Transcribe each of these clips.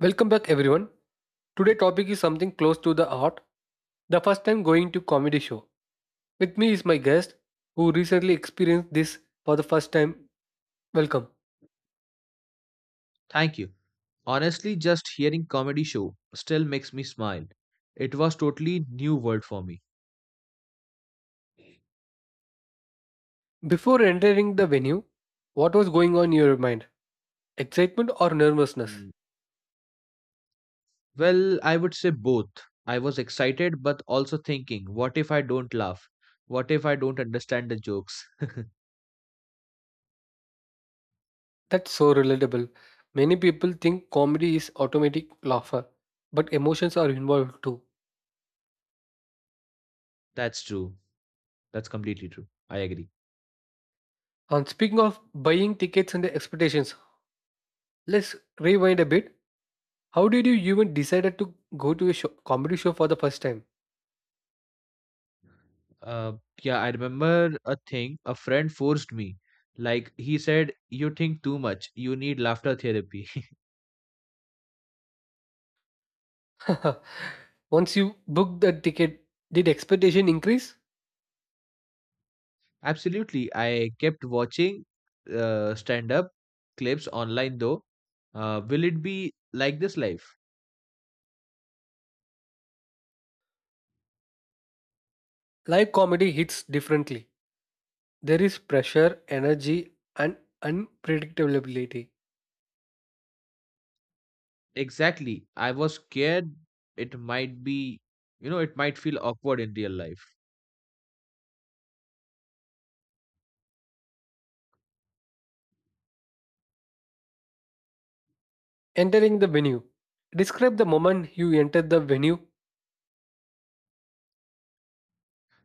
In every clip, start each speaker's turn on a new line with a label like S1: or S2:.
S1: Welcome back, everyone. Today topic is something close to the art. The first time going to comedy show. With me is my guest who recently experienced this for the first time. Welcome.
S2: Thank you. Honestly, just hearing comedy show still makes me smile. It was totally new world for me.
S1: Before entering the venue, what was going on in your mind? Excitement or nervousness?
S2: Mm. Well, I would say both. I was excited but also thinking, what if I don't laugh? What if I don't understand the jokes?
S1: That's so relatable. Many people think comedy is automatic laughter, but emotions are involved too.
S2: That's true. That's completely true. I agree.
S1: And speaking of buying tickets and the expectations, let's rewind a bit. How did you even decided to go to a show, comedy show for the first time?
S2: Uh, yeah, I remember a thing a friend forced me. Like he said, you think too much. You need laughter therapy.
S1: Once you booked the ticket, did expectation increase?
S2: Absolutely. I kept watching stand up clips online though. Will it be like this live?
S1: Live comedy hits differently. There is pressure, energy, and unpredictability.
S2: Exactly. I was scared it might be, you know, it might feel awkward in real life.
S1: Entering the venue. Describe the moment you entered the venue.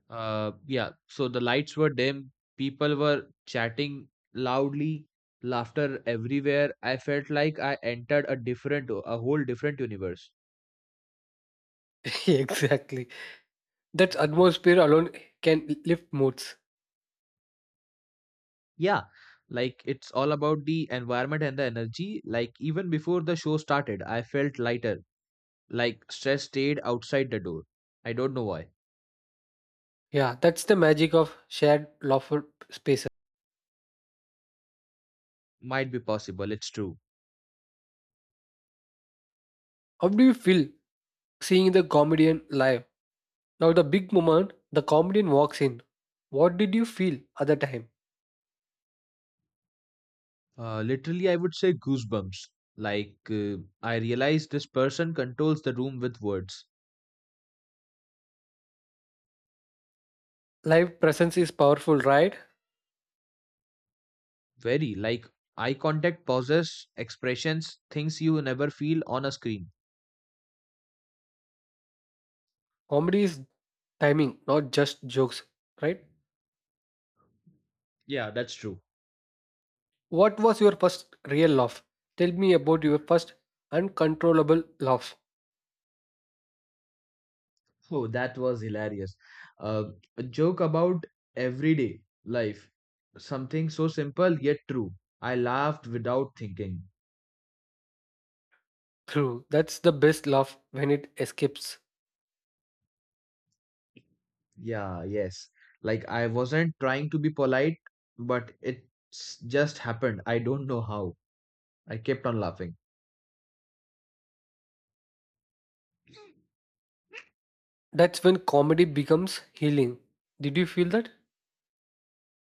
S2: Yeah. So the lights were dim, people were chatting loudly, laughter everywhere. I felt like I entered a whole different universe.
S1: Exactly. That atmosphere alone can lift moods.
S2: Yeah, like it's all about the environment and the energy. Like even before the show started, I felt lighter. Like stress stayed outside the door. I don't know why.
S1: Yeah, that's the magic of shared laughter spaces.
S2: Might be possible. It's true.
S1: How do you feel seeing the comedian live? Now, the big moment the comedian walks in. What did you feel at the time?
S2: Literally, I would say goosebumps. Like I realized this person controls the room with words.
S1: Live presence is powerful, right?
S2: Very like eye contact, pauses, expressions, things you never feel on a screen.
S1: Comedy is timing, not just jokes, right?
S2: Yeah, that's true.
S1: What was your first real laugh? Tell me about your first uncontrollable laugh.
S2: Oh, that was hilarious. Uh, a joke about everyday life. Something so simple yet true. I laughed without thinking.
S1: True, that's the best laugh when it escapes.
S2: Yeah, yes. Like I wasn't trying to be polite, but it just happened. I don't know how. I kept on laughing.
S1: That's when comedy becomes healing. Did you feel that?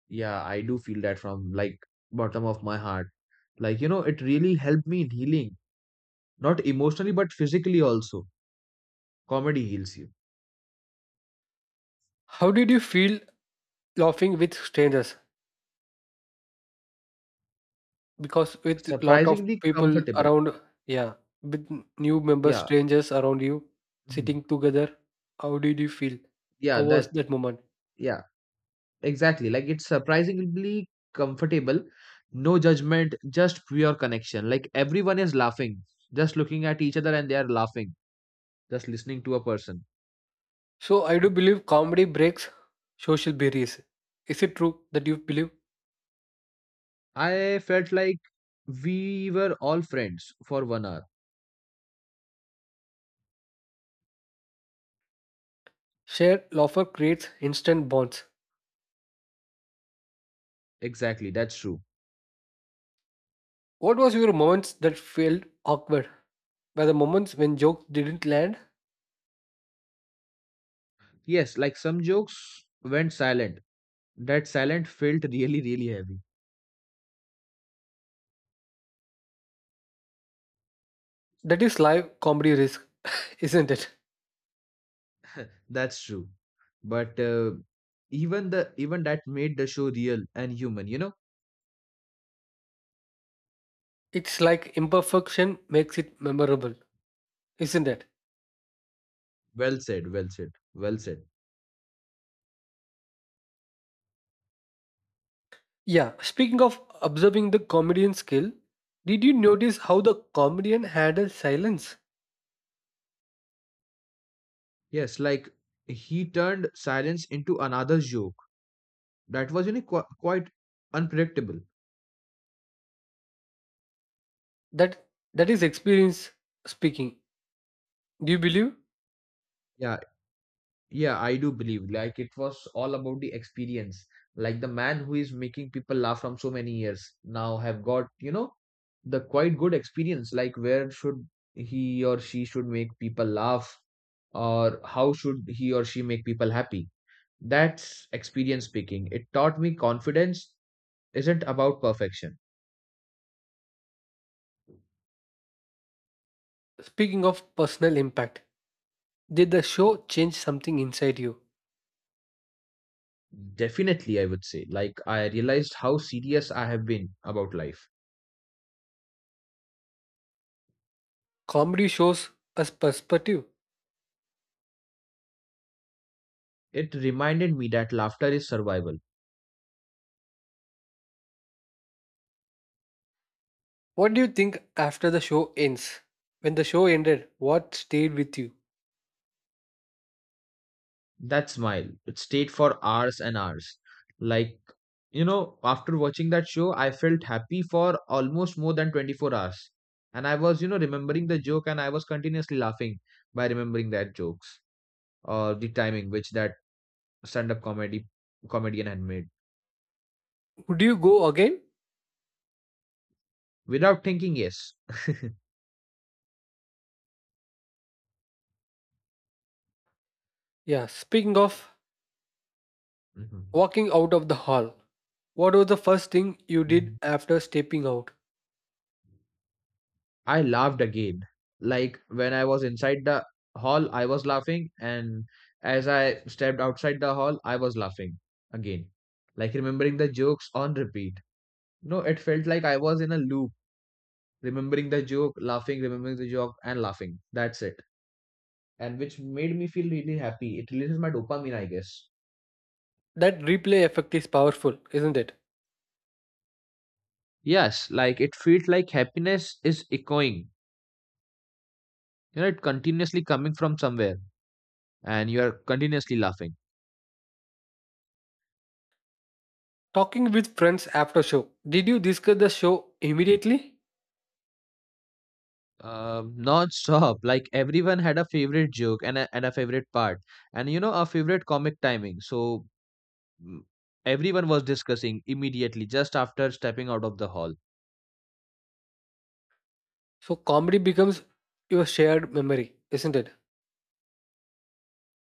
S2: Yeah, I do feel that from like bottom of my heart. Like, you know, it really helped me in healing, not emotionally, but physically also. Comedy heals you.
S1: How did you feel laughing with strangers? Because with lot of
S2: Surprisingly
S1: people
S2: comfortable.
S1: around, yeah, with new members
S2: Yeah.
S1: strangers around you
S2: Mhm.
S1: sitting together, how did you feel? How
S2: Yeah,
S1: was
S2: that's
S1: that moment?
S2: Yeah, exactly. Like it's surprisingly comfortable. No judgment, just pure connection. Like everyone is laughing, just looking at each other and they are laughing, just listening to a person.
S1: So I do believe comedy breaks social barriers. Is it true that you believe
S2: I felt like we were all friends for 1 hour.
S1: shared laughter creates instant bonds?
S2: Exactly, that's true.
S1: What was your moments that felt awkward were the moments when jokes didn't land?
S2: Yes, like some jokes went silent. That silent felt really, really heavy.
S1: That is live comedy risk, isn't it?
S2: That's true. But even that made the show real and human, you know?
S1: It's like imperfection makes it memorable, isn't it?
S2: Well said, well said, well said.
S1: Yeah, speaking of observing the comedian skill, did you notice how the comedian handled silence?
S2: Yes, like he turned silence into another joke. That was, you know, quite unpredictable.
S1: That that is experience speaking. Do you believe?
S2: Yeah, yeah, I do believe. Like it was all about the experience. Like the man who is making people laugh from so many years now have got, you know, the quite good experience. Like where should he or she should make people laugh, or how should he or she make people happy? That's experience speaking. It taught me confidence isn't about perfection.
S1: Speaking of personal impact, did the show change something inside you?
S2: Definitely, I would say. Like, I realized how serious I have been about life.
S1: Comedy shows us perspective.
S2: It reminded me that laughter is survival.
S1: What do you think after the show ends? When the show ended, what stayed with you?
S2: That smile, it stayed for hours and hours. Like, you know, after watching that show, I felt happy for almost more than 24 hours. And I was, you know, remembering the joke and I was continuously laughing by remembering that jokes or the timing which that stand-up comedy comedian had made
S1: Would you go again?
S2: without thinking yes.
S1: Yeah, speaking of
S2: Mhm.
S1: walking out of the hall, what was the first thing you did after stepping out?
S2: I laughed again. Like when I was inside the hall, I was laughing, and as I stepped outside the hall, I was laughing again. Like remembering the jokes on repeat. No, it felt like I was in a loop, remembering the joke, laughing, remembering the joke, and laughing. That's it. And which made me feel really happy. It releases my dopamine, I guess.
S1: That replay effect is powerful, isn't it?
S2: Yes, like it feels like happiness is echoing. You know, it continuously coming from somewhere, and you are continuously laughing.
S1: Talking with friends after show. Did you discuss the show immediately?
S2: Non-stop like everyone had a favorite joke and a favorite part and you know a favorite comic timing so mm, everyone was discussing immediately just after stepping out of the hall.
S1: So comedy becomes your shared memory, isn't it?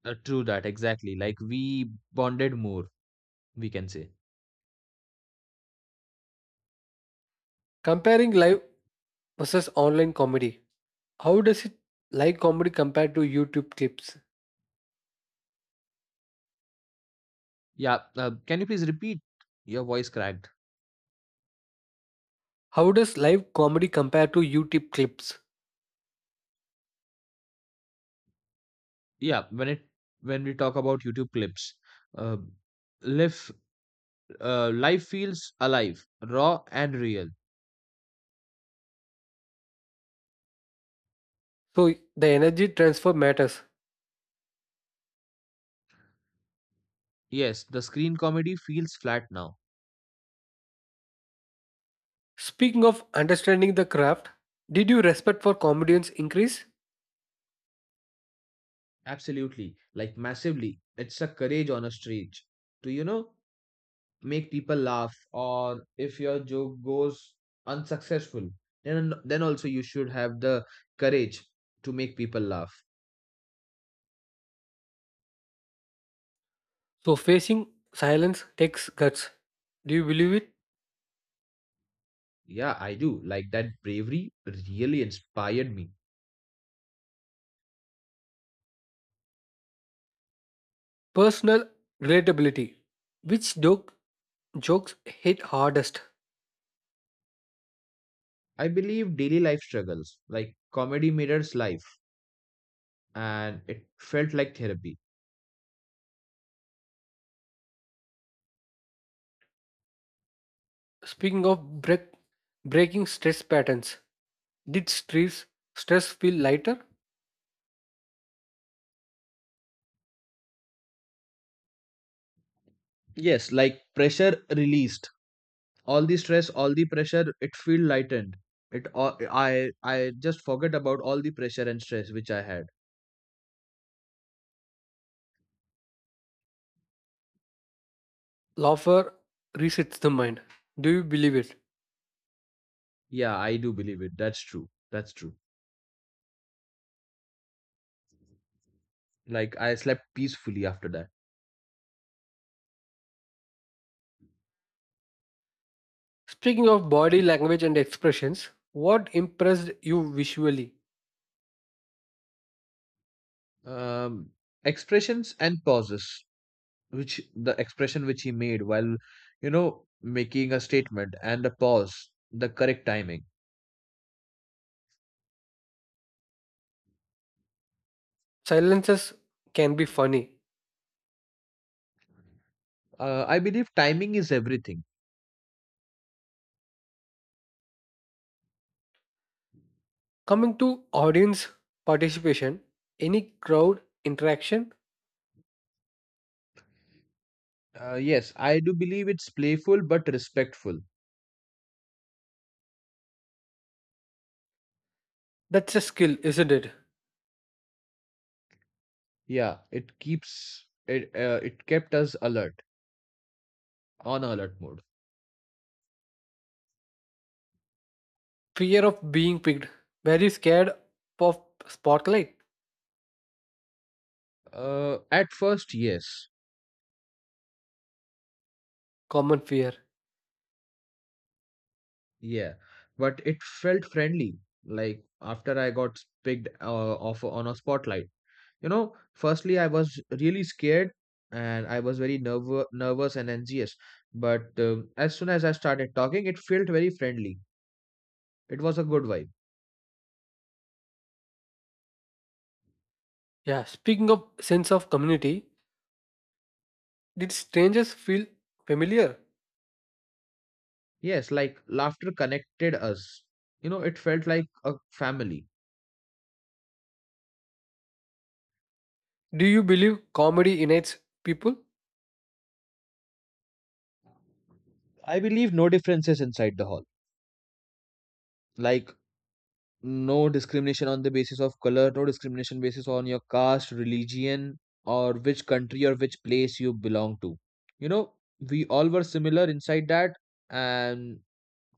S2: True that, exactly, like we bonded more, we can say.
S1: Comparing live versus online comedy. How does it live comedy compare to YouTube clips?
S2: Yeah can you please repeat? Your voice cracked.
S1: How does live comedy compare to YouTube clips?
S2: yeah when it when we talk about youtube clips, uh, life life feels alive, raw and real.
S1: So the energy transfer matters.
S2: Yes, the screen comedy feels flat now.
S1: Speaking of understanding the craft, did your respect for comedians increase?
S2: Absolutely, like massively. It's a courage on a stage to, you know, make people laugh, or if your joke goes unsuccessful, then also you should have the courage to make people laugh.
S1: So facing silence takes guts. Do you believe it?
S2: Yeah, I do. Like that bravery really inspired me.
S1: Personal relatability. Which joke, jokes hit hardest?
S2: I believe daily life struggles, like comedy mirrors life, and it felt like therapy.
S1: Speaking of break, breaking stress patterns, did stress, stress feel lighter?
S2: Yes, like pressure released. All the stress, all the pressure, it feel lightened. It all, I just forget about all the pressure and stress which I had.
S1: Laughter resets the mind. Do you believe it?
S2: Yeah I do believe it. That's true. Like I slept peacefully after that.
S1: Speaking of body language and expressions, what impressed you visually?
S2: um Expressions and pauses, which the expression which he made while you know making a statement, and the pause, the correct timing.
S1: Silences can be funny.
S2: I believe timing is everything.
S1: Coming to audience participation, any crowd interaction,
S2: Yes, I do believe it's playful but respectful.
S1: that's a skill, isn't it?
S2: Yeah, it keeps it it kept us alert, on alert mode.
S1: Fear of being picked. Very scared of spotlight.
S2: At first, yes,
S1: Common fear.
S2: yeah, but it felt friendly. Like after I got picked off on a spotlight, you know. Firstly, I was really scared and I was very nervous and anxious. But as soon as I started talking, it felt very friendly. It was a good vibe.
S1: Yeah. Speaking of sense of community, did strangers feel familiar?
S2: Yes, like laughter connected us. You know, it felt like a family.
S1: Do you believe comedy unites people?
S2: I believe no differences inside the hall. Like no discrimination on the basis of color, no discrimination basis on your caste, religion, or which country or which place you belong to. You know, we all were similar inside that, and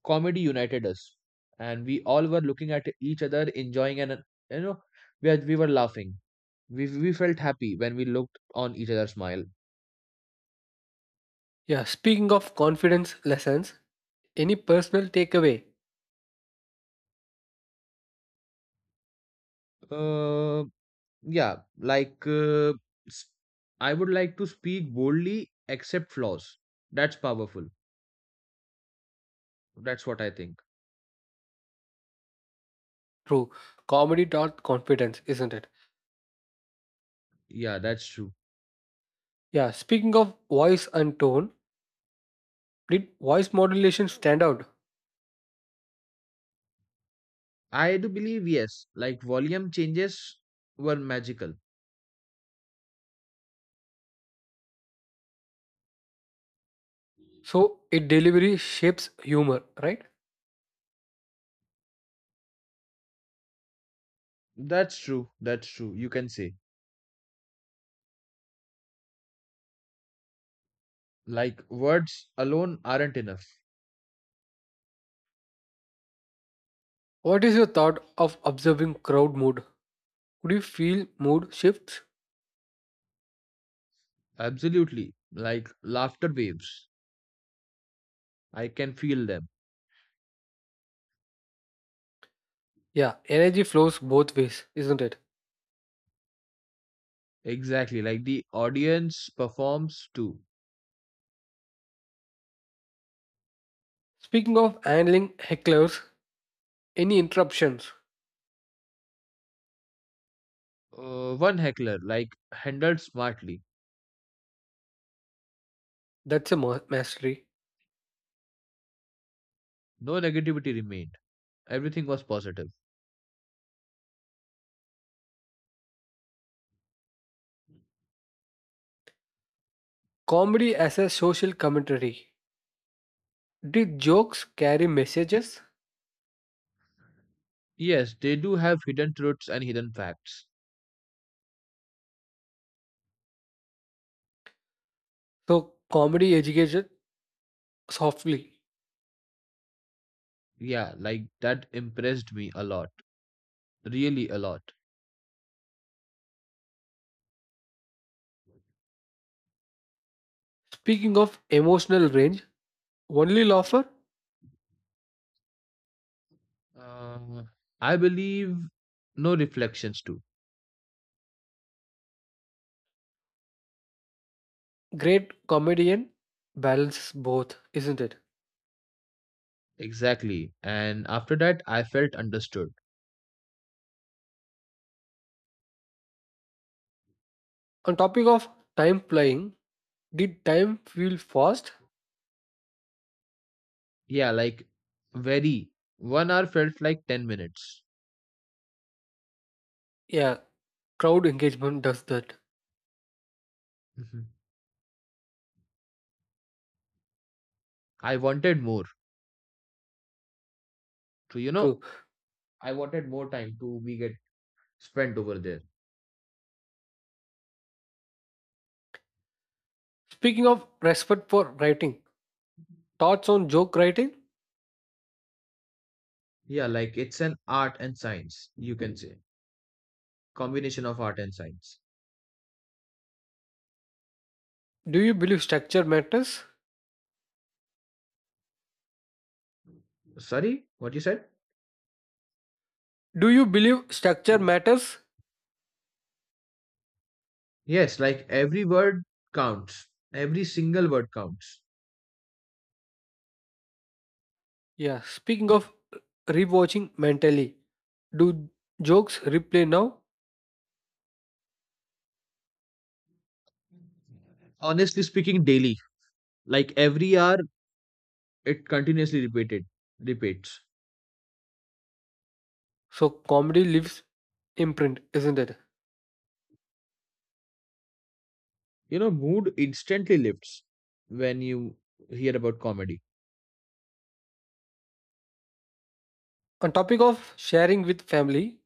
S2: comedy united us. And we all were looking at each other, enjoying, and you know, we were laughing. We felt happy when we looked on each other's smile.
S1: Yeah. Speaking of confidence lessons, any personal takeaway?
S2: Uh, yeah, like uh, s- I would like to speak boldly, accept flaws. That's powerful. That's what I think.
S1: True. Comedy taught confidence, isn't it?
S2: Yeah, that's true.
S1: Yeah. Speaking of voice and tone, did voice modulation stand out?
S2: I do believe, yes, like volume changes were magical.
S1: So it delivery shapes humor, right?
S2: That's true. That's true. You can say, like, words alone aren't enough.
S1: What is your thought of observing crowd mood? Could you feel mood shifts?
S2: Absolutely. Like, laughter waves. I can feel them.
S1: Yeah, energy flows both ways, isn't it?
S2: Exactly. Like, the audience performs too.
S1: Speaking of handling hecklers, any interruptions?
S2: One heckler, like, handled smartly.
S1: That's a mastery.
S2: No negativity remained. Everything was positive.
S1: Comedy as a social commentary. Did jokes carry messages?
S2: Yes, they do have hidden truths and hidden facts.
S1: So, comedy educated softly.
S2: Yeah, like, that impressed me a lot. Really a lot.
S1: Speaking of emotional range, only laugher,
S2: Uh, I believe no reflections too.
S1: great comedian balances both, isn't it?
S2: Exactly. And after that, I felt understood.
S1: On topic of time flying, did time feel fast?
S2: Yeah, like very. 1 hour felt like 10 minutes.
S1: Yeah, crowd engagement does that.
S2: Mhm. I wanted more. So, you
S1: True.
S2: know, I wanted more time to be get spent over there.
S1: Speaking of respect for writing, thoughts on joke writing?
S2: Yeah, like it's an art and science, you can say. Combination of art and science.
S1: Do you believe structure matters?
S2: Sorry, what you said?
S1: Do you believe structure matters?
S2: Yes, like every word counts. Every single word counts.
S1: Yeah, speaking of rewatching mentally, do jokes replay now?
S2: Honestly speaking, daily. Like every hour it continuously repeated repeats.
S1: So comedy leaves imprint, isn't it?
S2: You know, mood instantly lifts when you hear about comedy.
S1: On topic of sharing with family,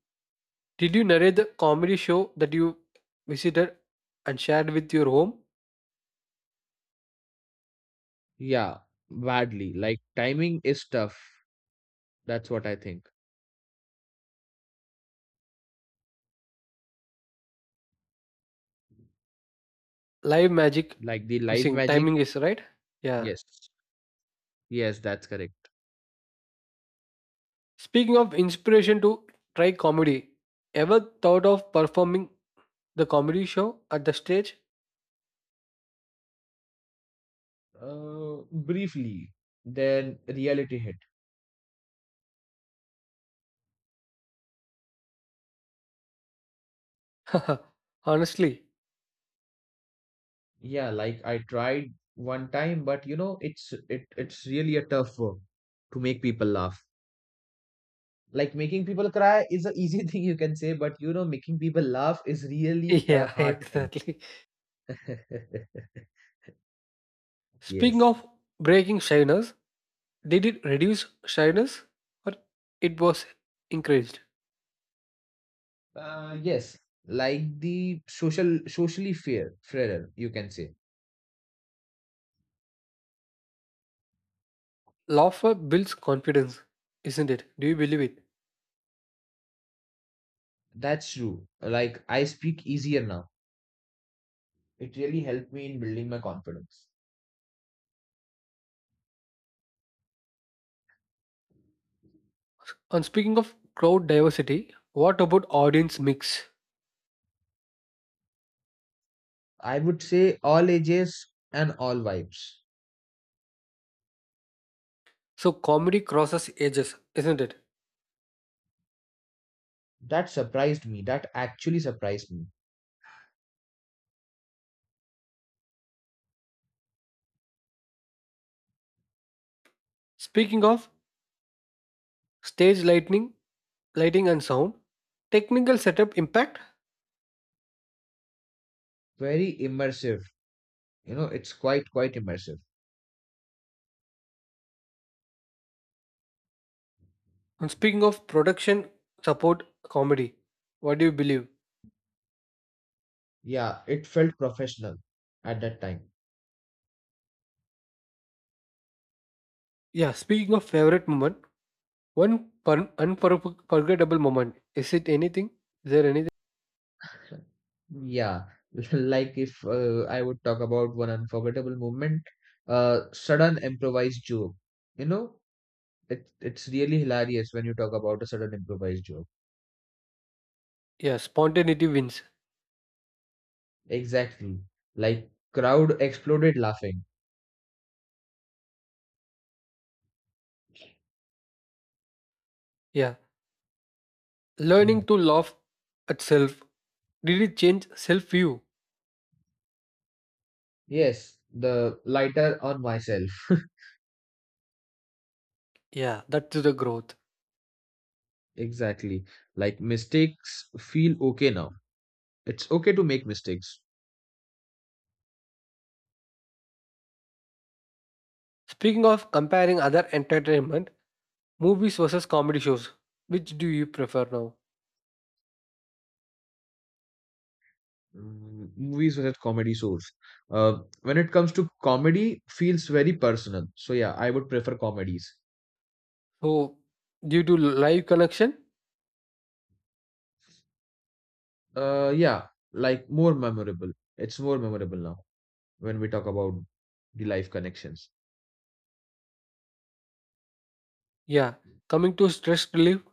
S1: did you narrate the comedy show that you visited and shared with your home?
S2: Yeah, badly. Like timing is tough. That's what I think.
S1: Live magic
S2: Like the live
S1: missing
S2: magic.
S1: timing is right. Yeah.
S2: Yes. Yes, that's correct.
S1: Speaking of inspiration to try comedy, ever thought of performing the comedy show at the stage?
S2: Briefly, then reality hit.
S1: Honestly,
S2: Yeah, like I tried one time, but you know, it's really a tough work to make people laugh. Like making people cry is an easy thing you can say, but you know, making people laugh is really a
S1: yeah,
S2: hard thing.
S1: exactly. Speaking
S2: Yes.
S1: of breaking shyness, did it reduce shyness or it was encouraged?
S2: Yes. Like the socially fairer, you can say.
S1: Laughter builds confidence, isn't it? Do you believe it?
S2: That's true. Like I speak easier now. It really helped me in building my confidence.
S1: And speaking of crowd diversity, what about audience mix?
S2: I would say all ages and all vibes.
S1: So comedy crosses ages, isn't it?
S2: That surprised me. That actually surprised me.
S1: Speaking of stage lightning, lighting and sound, technical setup impact.
S2: Very immersive. You know, it's quite immersive.
S1: And speaking of production support comedy, what do you believe?
S2: Yeah, it felt professional at that time.
S1: Yeah, speaking of favorite moment, one unforgettable moment. Is it anything? Is there anything?
S2: Yeah, like if I would talk about one unforgettable moment, sudden improvised joke. You know, it's really hilarious when you talk about a sudden improvised joke.
S1: Yeah, spontaneity wins.
S2: Exactly. Like crowd exploded laughing.
S1: Yeah, learning
S2: Mm.
S1: to laugh at self. Did it change self view?
S2: Yes, the lighter on myself.
S1: Yeah, that's the growth.
S2: Exactly. Like mistakes feel okay now. It's okay to make mistakes.
S1: Speaking of comparing other entertainment, movies versus comedy shows, which do you prefer now?
S2: Mm, movies with comedy source. When it comes to comedy, feels very personal. So yeah, I would prefer comedies.
S1: So, due to live connection,
S2: Uh, yeah, more memorable. It's more memorable now when we talk about the life connections.
S1: yeah, coming to stress relief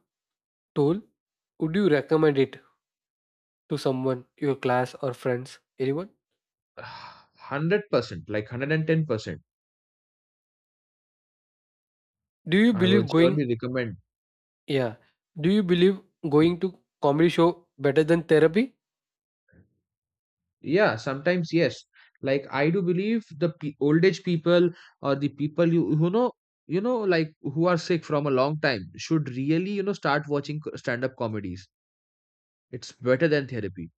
S1: tool, would you recommend it to someone, your class or friends, anyone?
S2: 100%, like 110%.
S1: Do you
S2: I will
S1: believe going?
S2: surely recommend.
S1: Yeah, do you believe going to comedy show better than therapy?
S2: Yeah, sometimes yes. Like I do believe the pe old age people or the people you who know you know like who are sick from a long time should really, you know, start watching stand up comedies. It's better than therapy.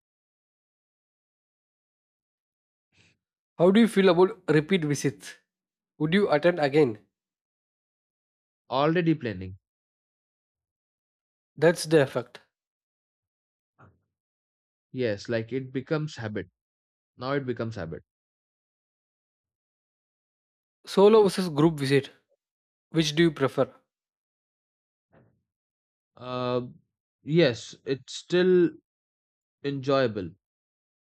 S1: How do you feel about repeat visits? Would you attend again?
S2: Already planning.
S1: That's the effect.
S2: Yes, like it becomes habit. Now it becomes habit.
S1: Solo versus group visit. Which do you prefer?
S2: Uh, yes, it's still enjoyable.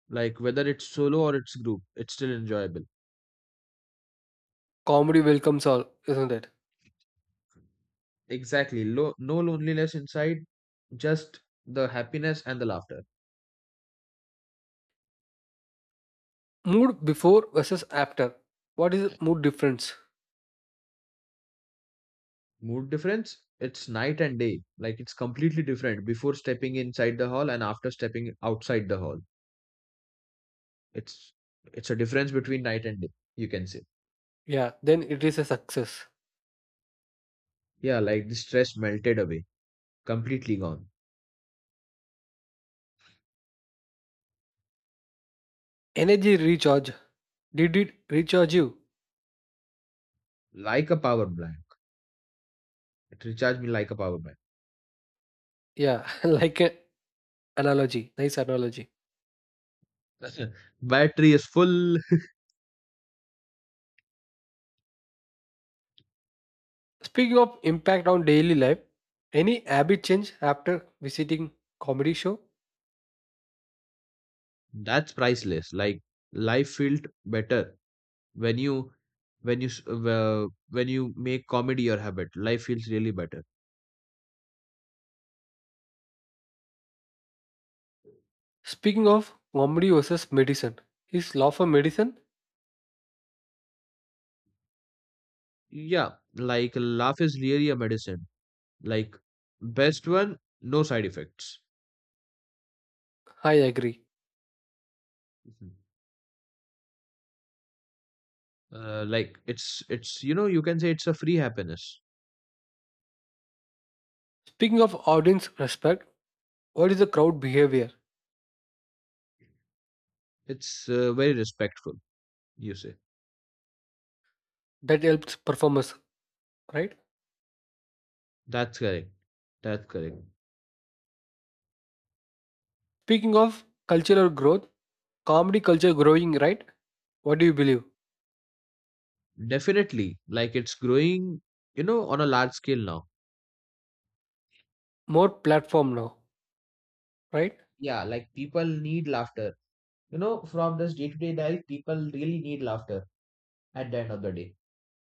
S2: Like whether it's solo or it's group, it's still enjoyable.
S1: Comedy welcomes all, isn't it?
S2: Exactly. No loneliness inside, just the happiness and the laughter.
S1: Mood before versus after. What is mood difference?
S2: Mood difference, it's night and day. Like it's completely different before stepping inside the hall and after stepping outside the hall. It's it's a difference between night and day, you can say.
S1: Yeah, then it is a success.
S2: Yeah, like the stress melted away. Completely gone.
S1: Energy recharge. Did it recharge you?
S2: Like a power bank. It recharged me like a power
S1: Yeah, like an analogy. Nice analogy.
S2: bank. Battery is full.
S1: Speaking of impact on daily life, any habit change after visiting comedy show?
S2: That's priceless. Like life felt better when you when when you make comedy your habit. Life feels really better.
S1: Speaking of comedy versus medicine, is laugh a medicine?
S2: Yeah, like laugh is really a medicine. Like best one, no side effects.
S1: I agree.
S2: Mhm. Uh, like it's it's, you know, you can say it's a free happiness.
S1: Speaking of audience respect, what is the crowd behavior
S2: It's very respectful. You say
S1: that helps performers, right?
S2: that's correct. That's correct.
S1: Speaking of cultural growth, comedy culture growing, right? What do you believe?
S2: Definitely. Like it's growing, you know, on a large scale now.
S1: More platform now, right?
S2: Yeah, like people need laughter. You know, from this day-to-day life, people really need laughter at the end of the day.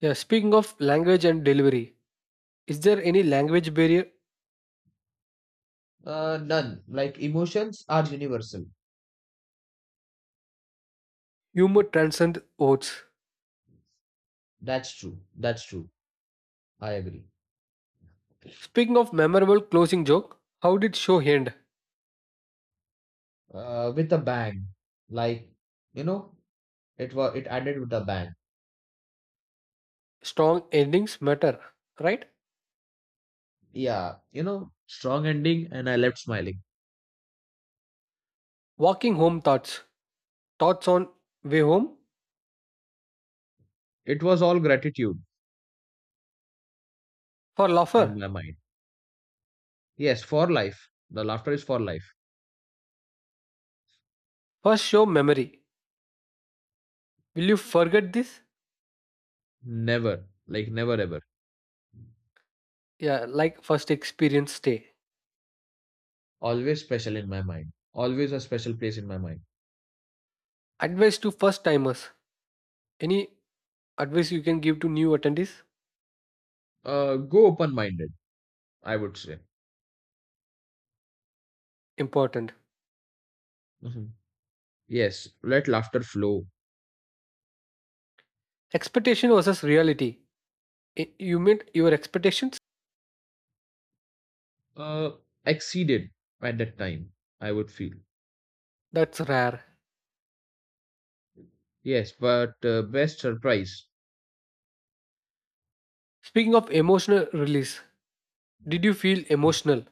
S1: Yeah. Speaking of language and delivery, is there any language barrier?
S2: None. Like emotions are universal.
S1: Humor transcends oaths.
S2: That's true. That's true. I agree.
S1: Speaking of memorable closing joke, how did show end?
S2: With a bang. Like, you know, it ended with a bang.
S1: Strong endings matter, right?
S2: Yeah, you know, strong ending, and I left smiling.
S1: Walking home thoughts. Thoughts on way home
S2: It was all gratitude
S1: for laugher.
S2: in my mind. Yes, for life. The laughter is for life.
S1: First show memory. Will you forget this?
S2: Never, like never ever.
S1: Yeah, like first experience stay.
S2: Always special in my mind. Always a special place in my mind.
S1: Advice to first timers. Any advice you can give to new attendees?
S2: Go open minded, I would say.
S1: Important.
S2: Mhm. Yes, let laughter flow.
S1: Expectation versus reality. You meet your expectations?
S2: Uh, exceeded at that time, I would feel.
S1: That's rare.
S2: Yes, but best surprise.
S1: Speaking of emotional release, did you feel emotional?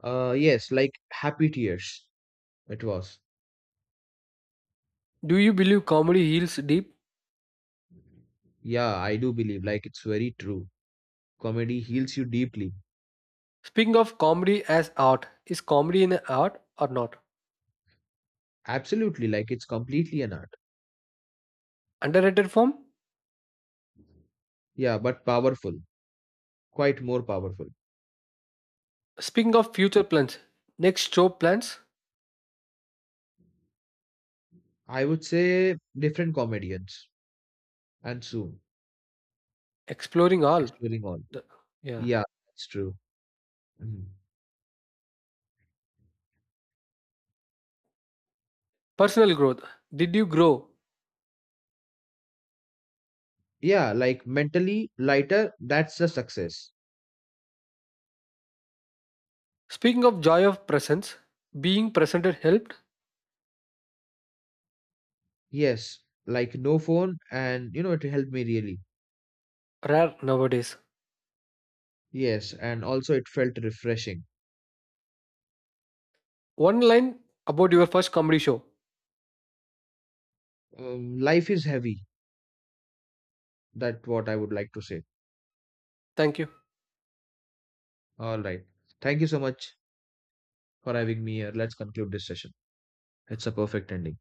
S2: Yes, like happy tears. It was.
S1: Do you believe comedy heals deep?
S2: Yeah, I do believe, like, it's very true. Comedy heals you deeply.
S1: Speaking of comedy as art, is comedy an art or not?
S2: Absolutely, like, it's completely an art.
S1: Underrated form?
S2: Yeah, but powerful. Quite more powerful.
S1: Speaking of future plans, next show plans,
S2: I would say different comedians, and soon.
S1: exploring all.
S2: Exploring all.
S1: The, yeah.
S2: Yeah, that's true. Mhm.
S1: Personal growth. Did you grow?
S2: Yeah, like mentally lighter, that's the success.
S1: Speaking of joy of presence, being presented helped,
S2: Yes, like no phone, and you know, it helped me really.
S1: rare nowadays.
S2: Yes, and also it felt refreshing.
S1: One line about your first comedy show.
S2: Life is heavy. That's what I would like to say.
S1: Thank you.
S2: All right. Thank you so much for having me here. Let's conclude this session. It's a perfect ending.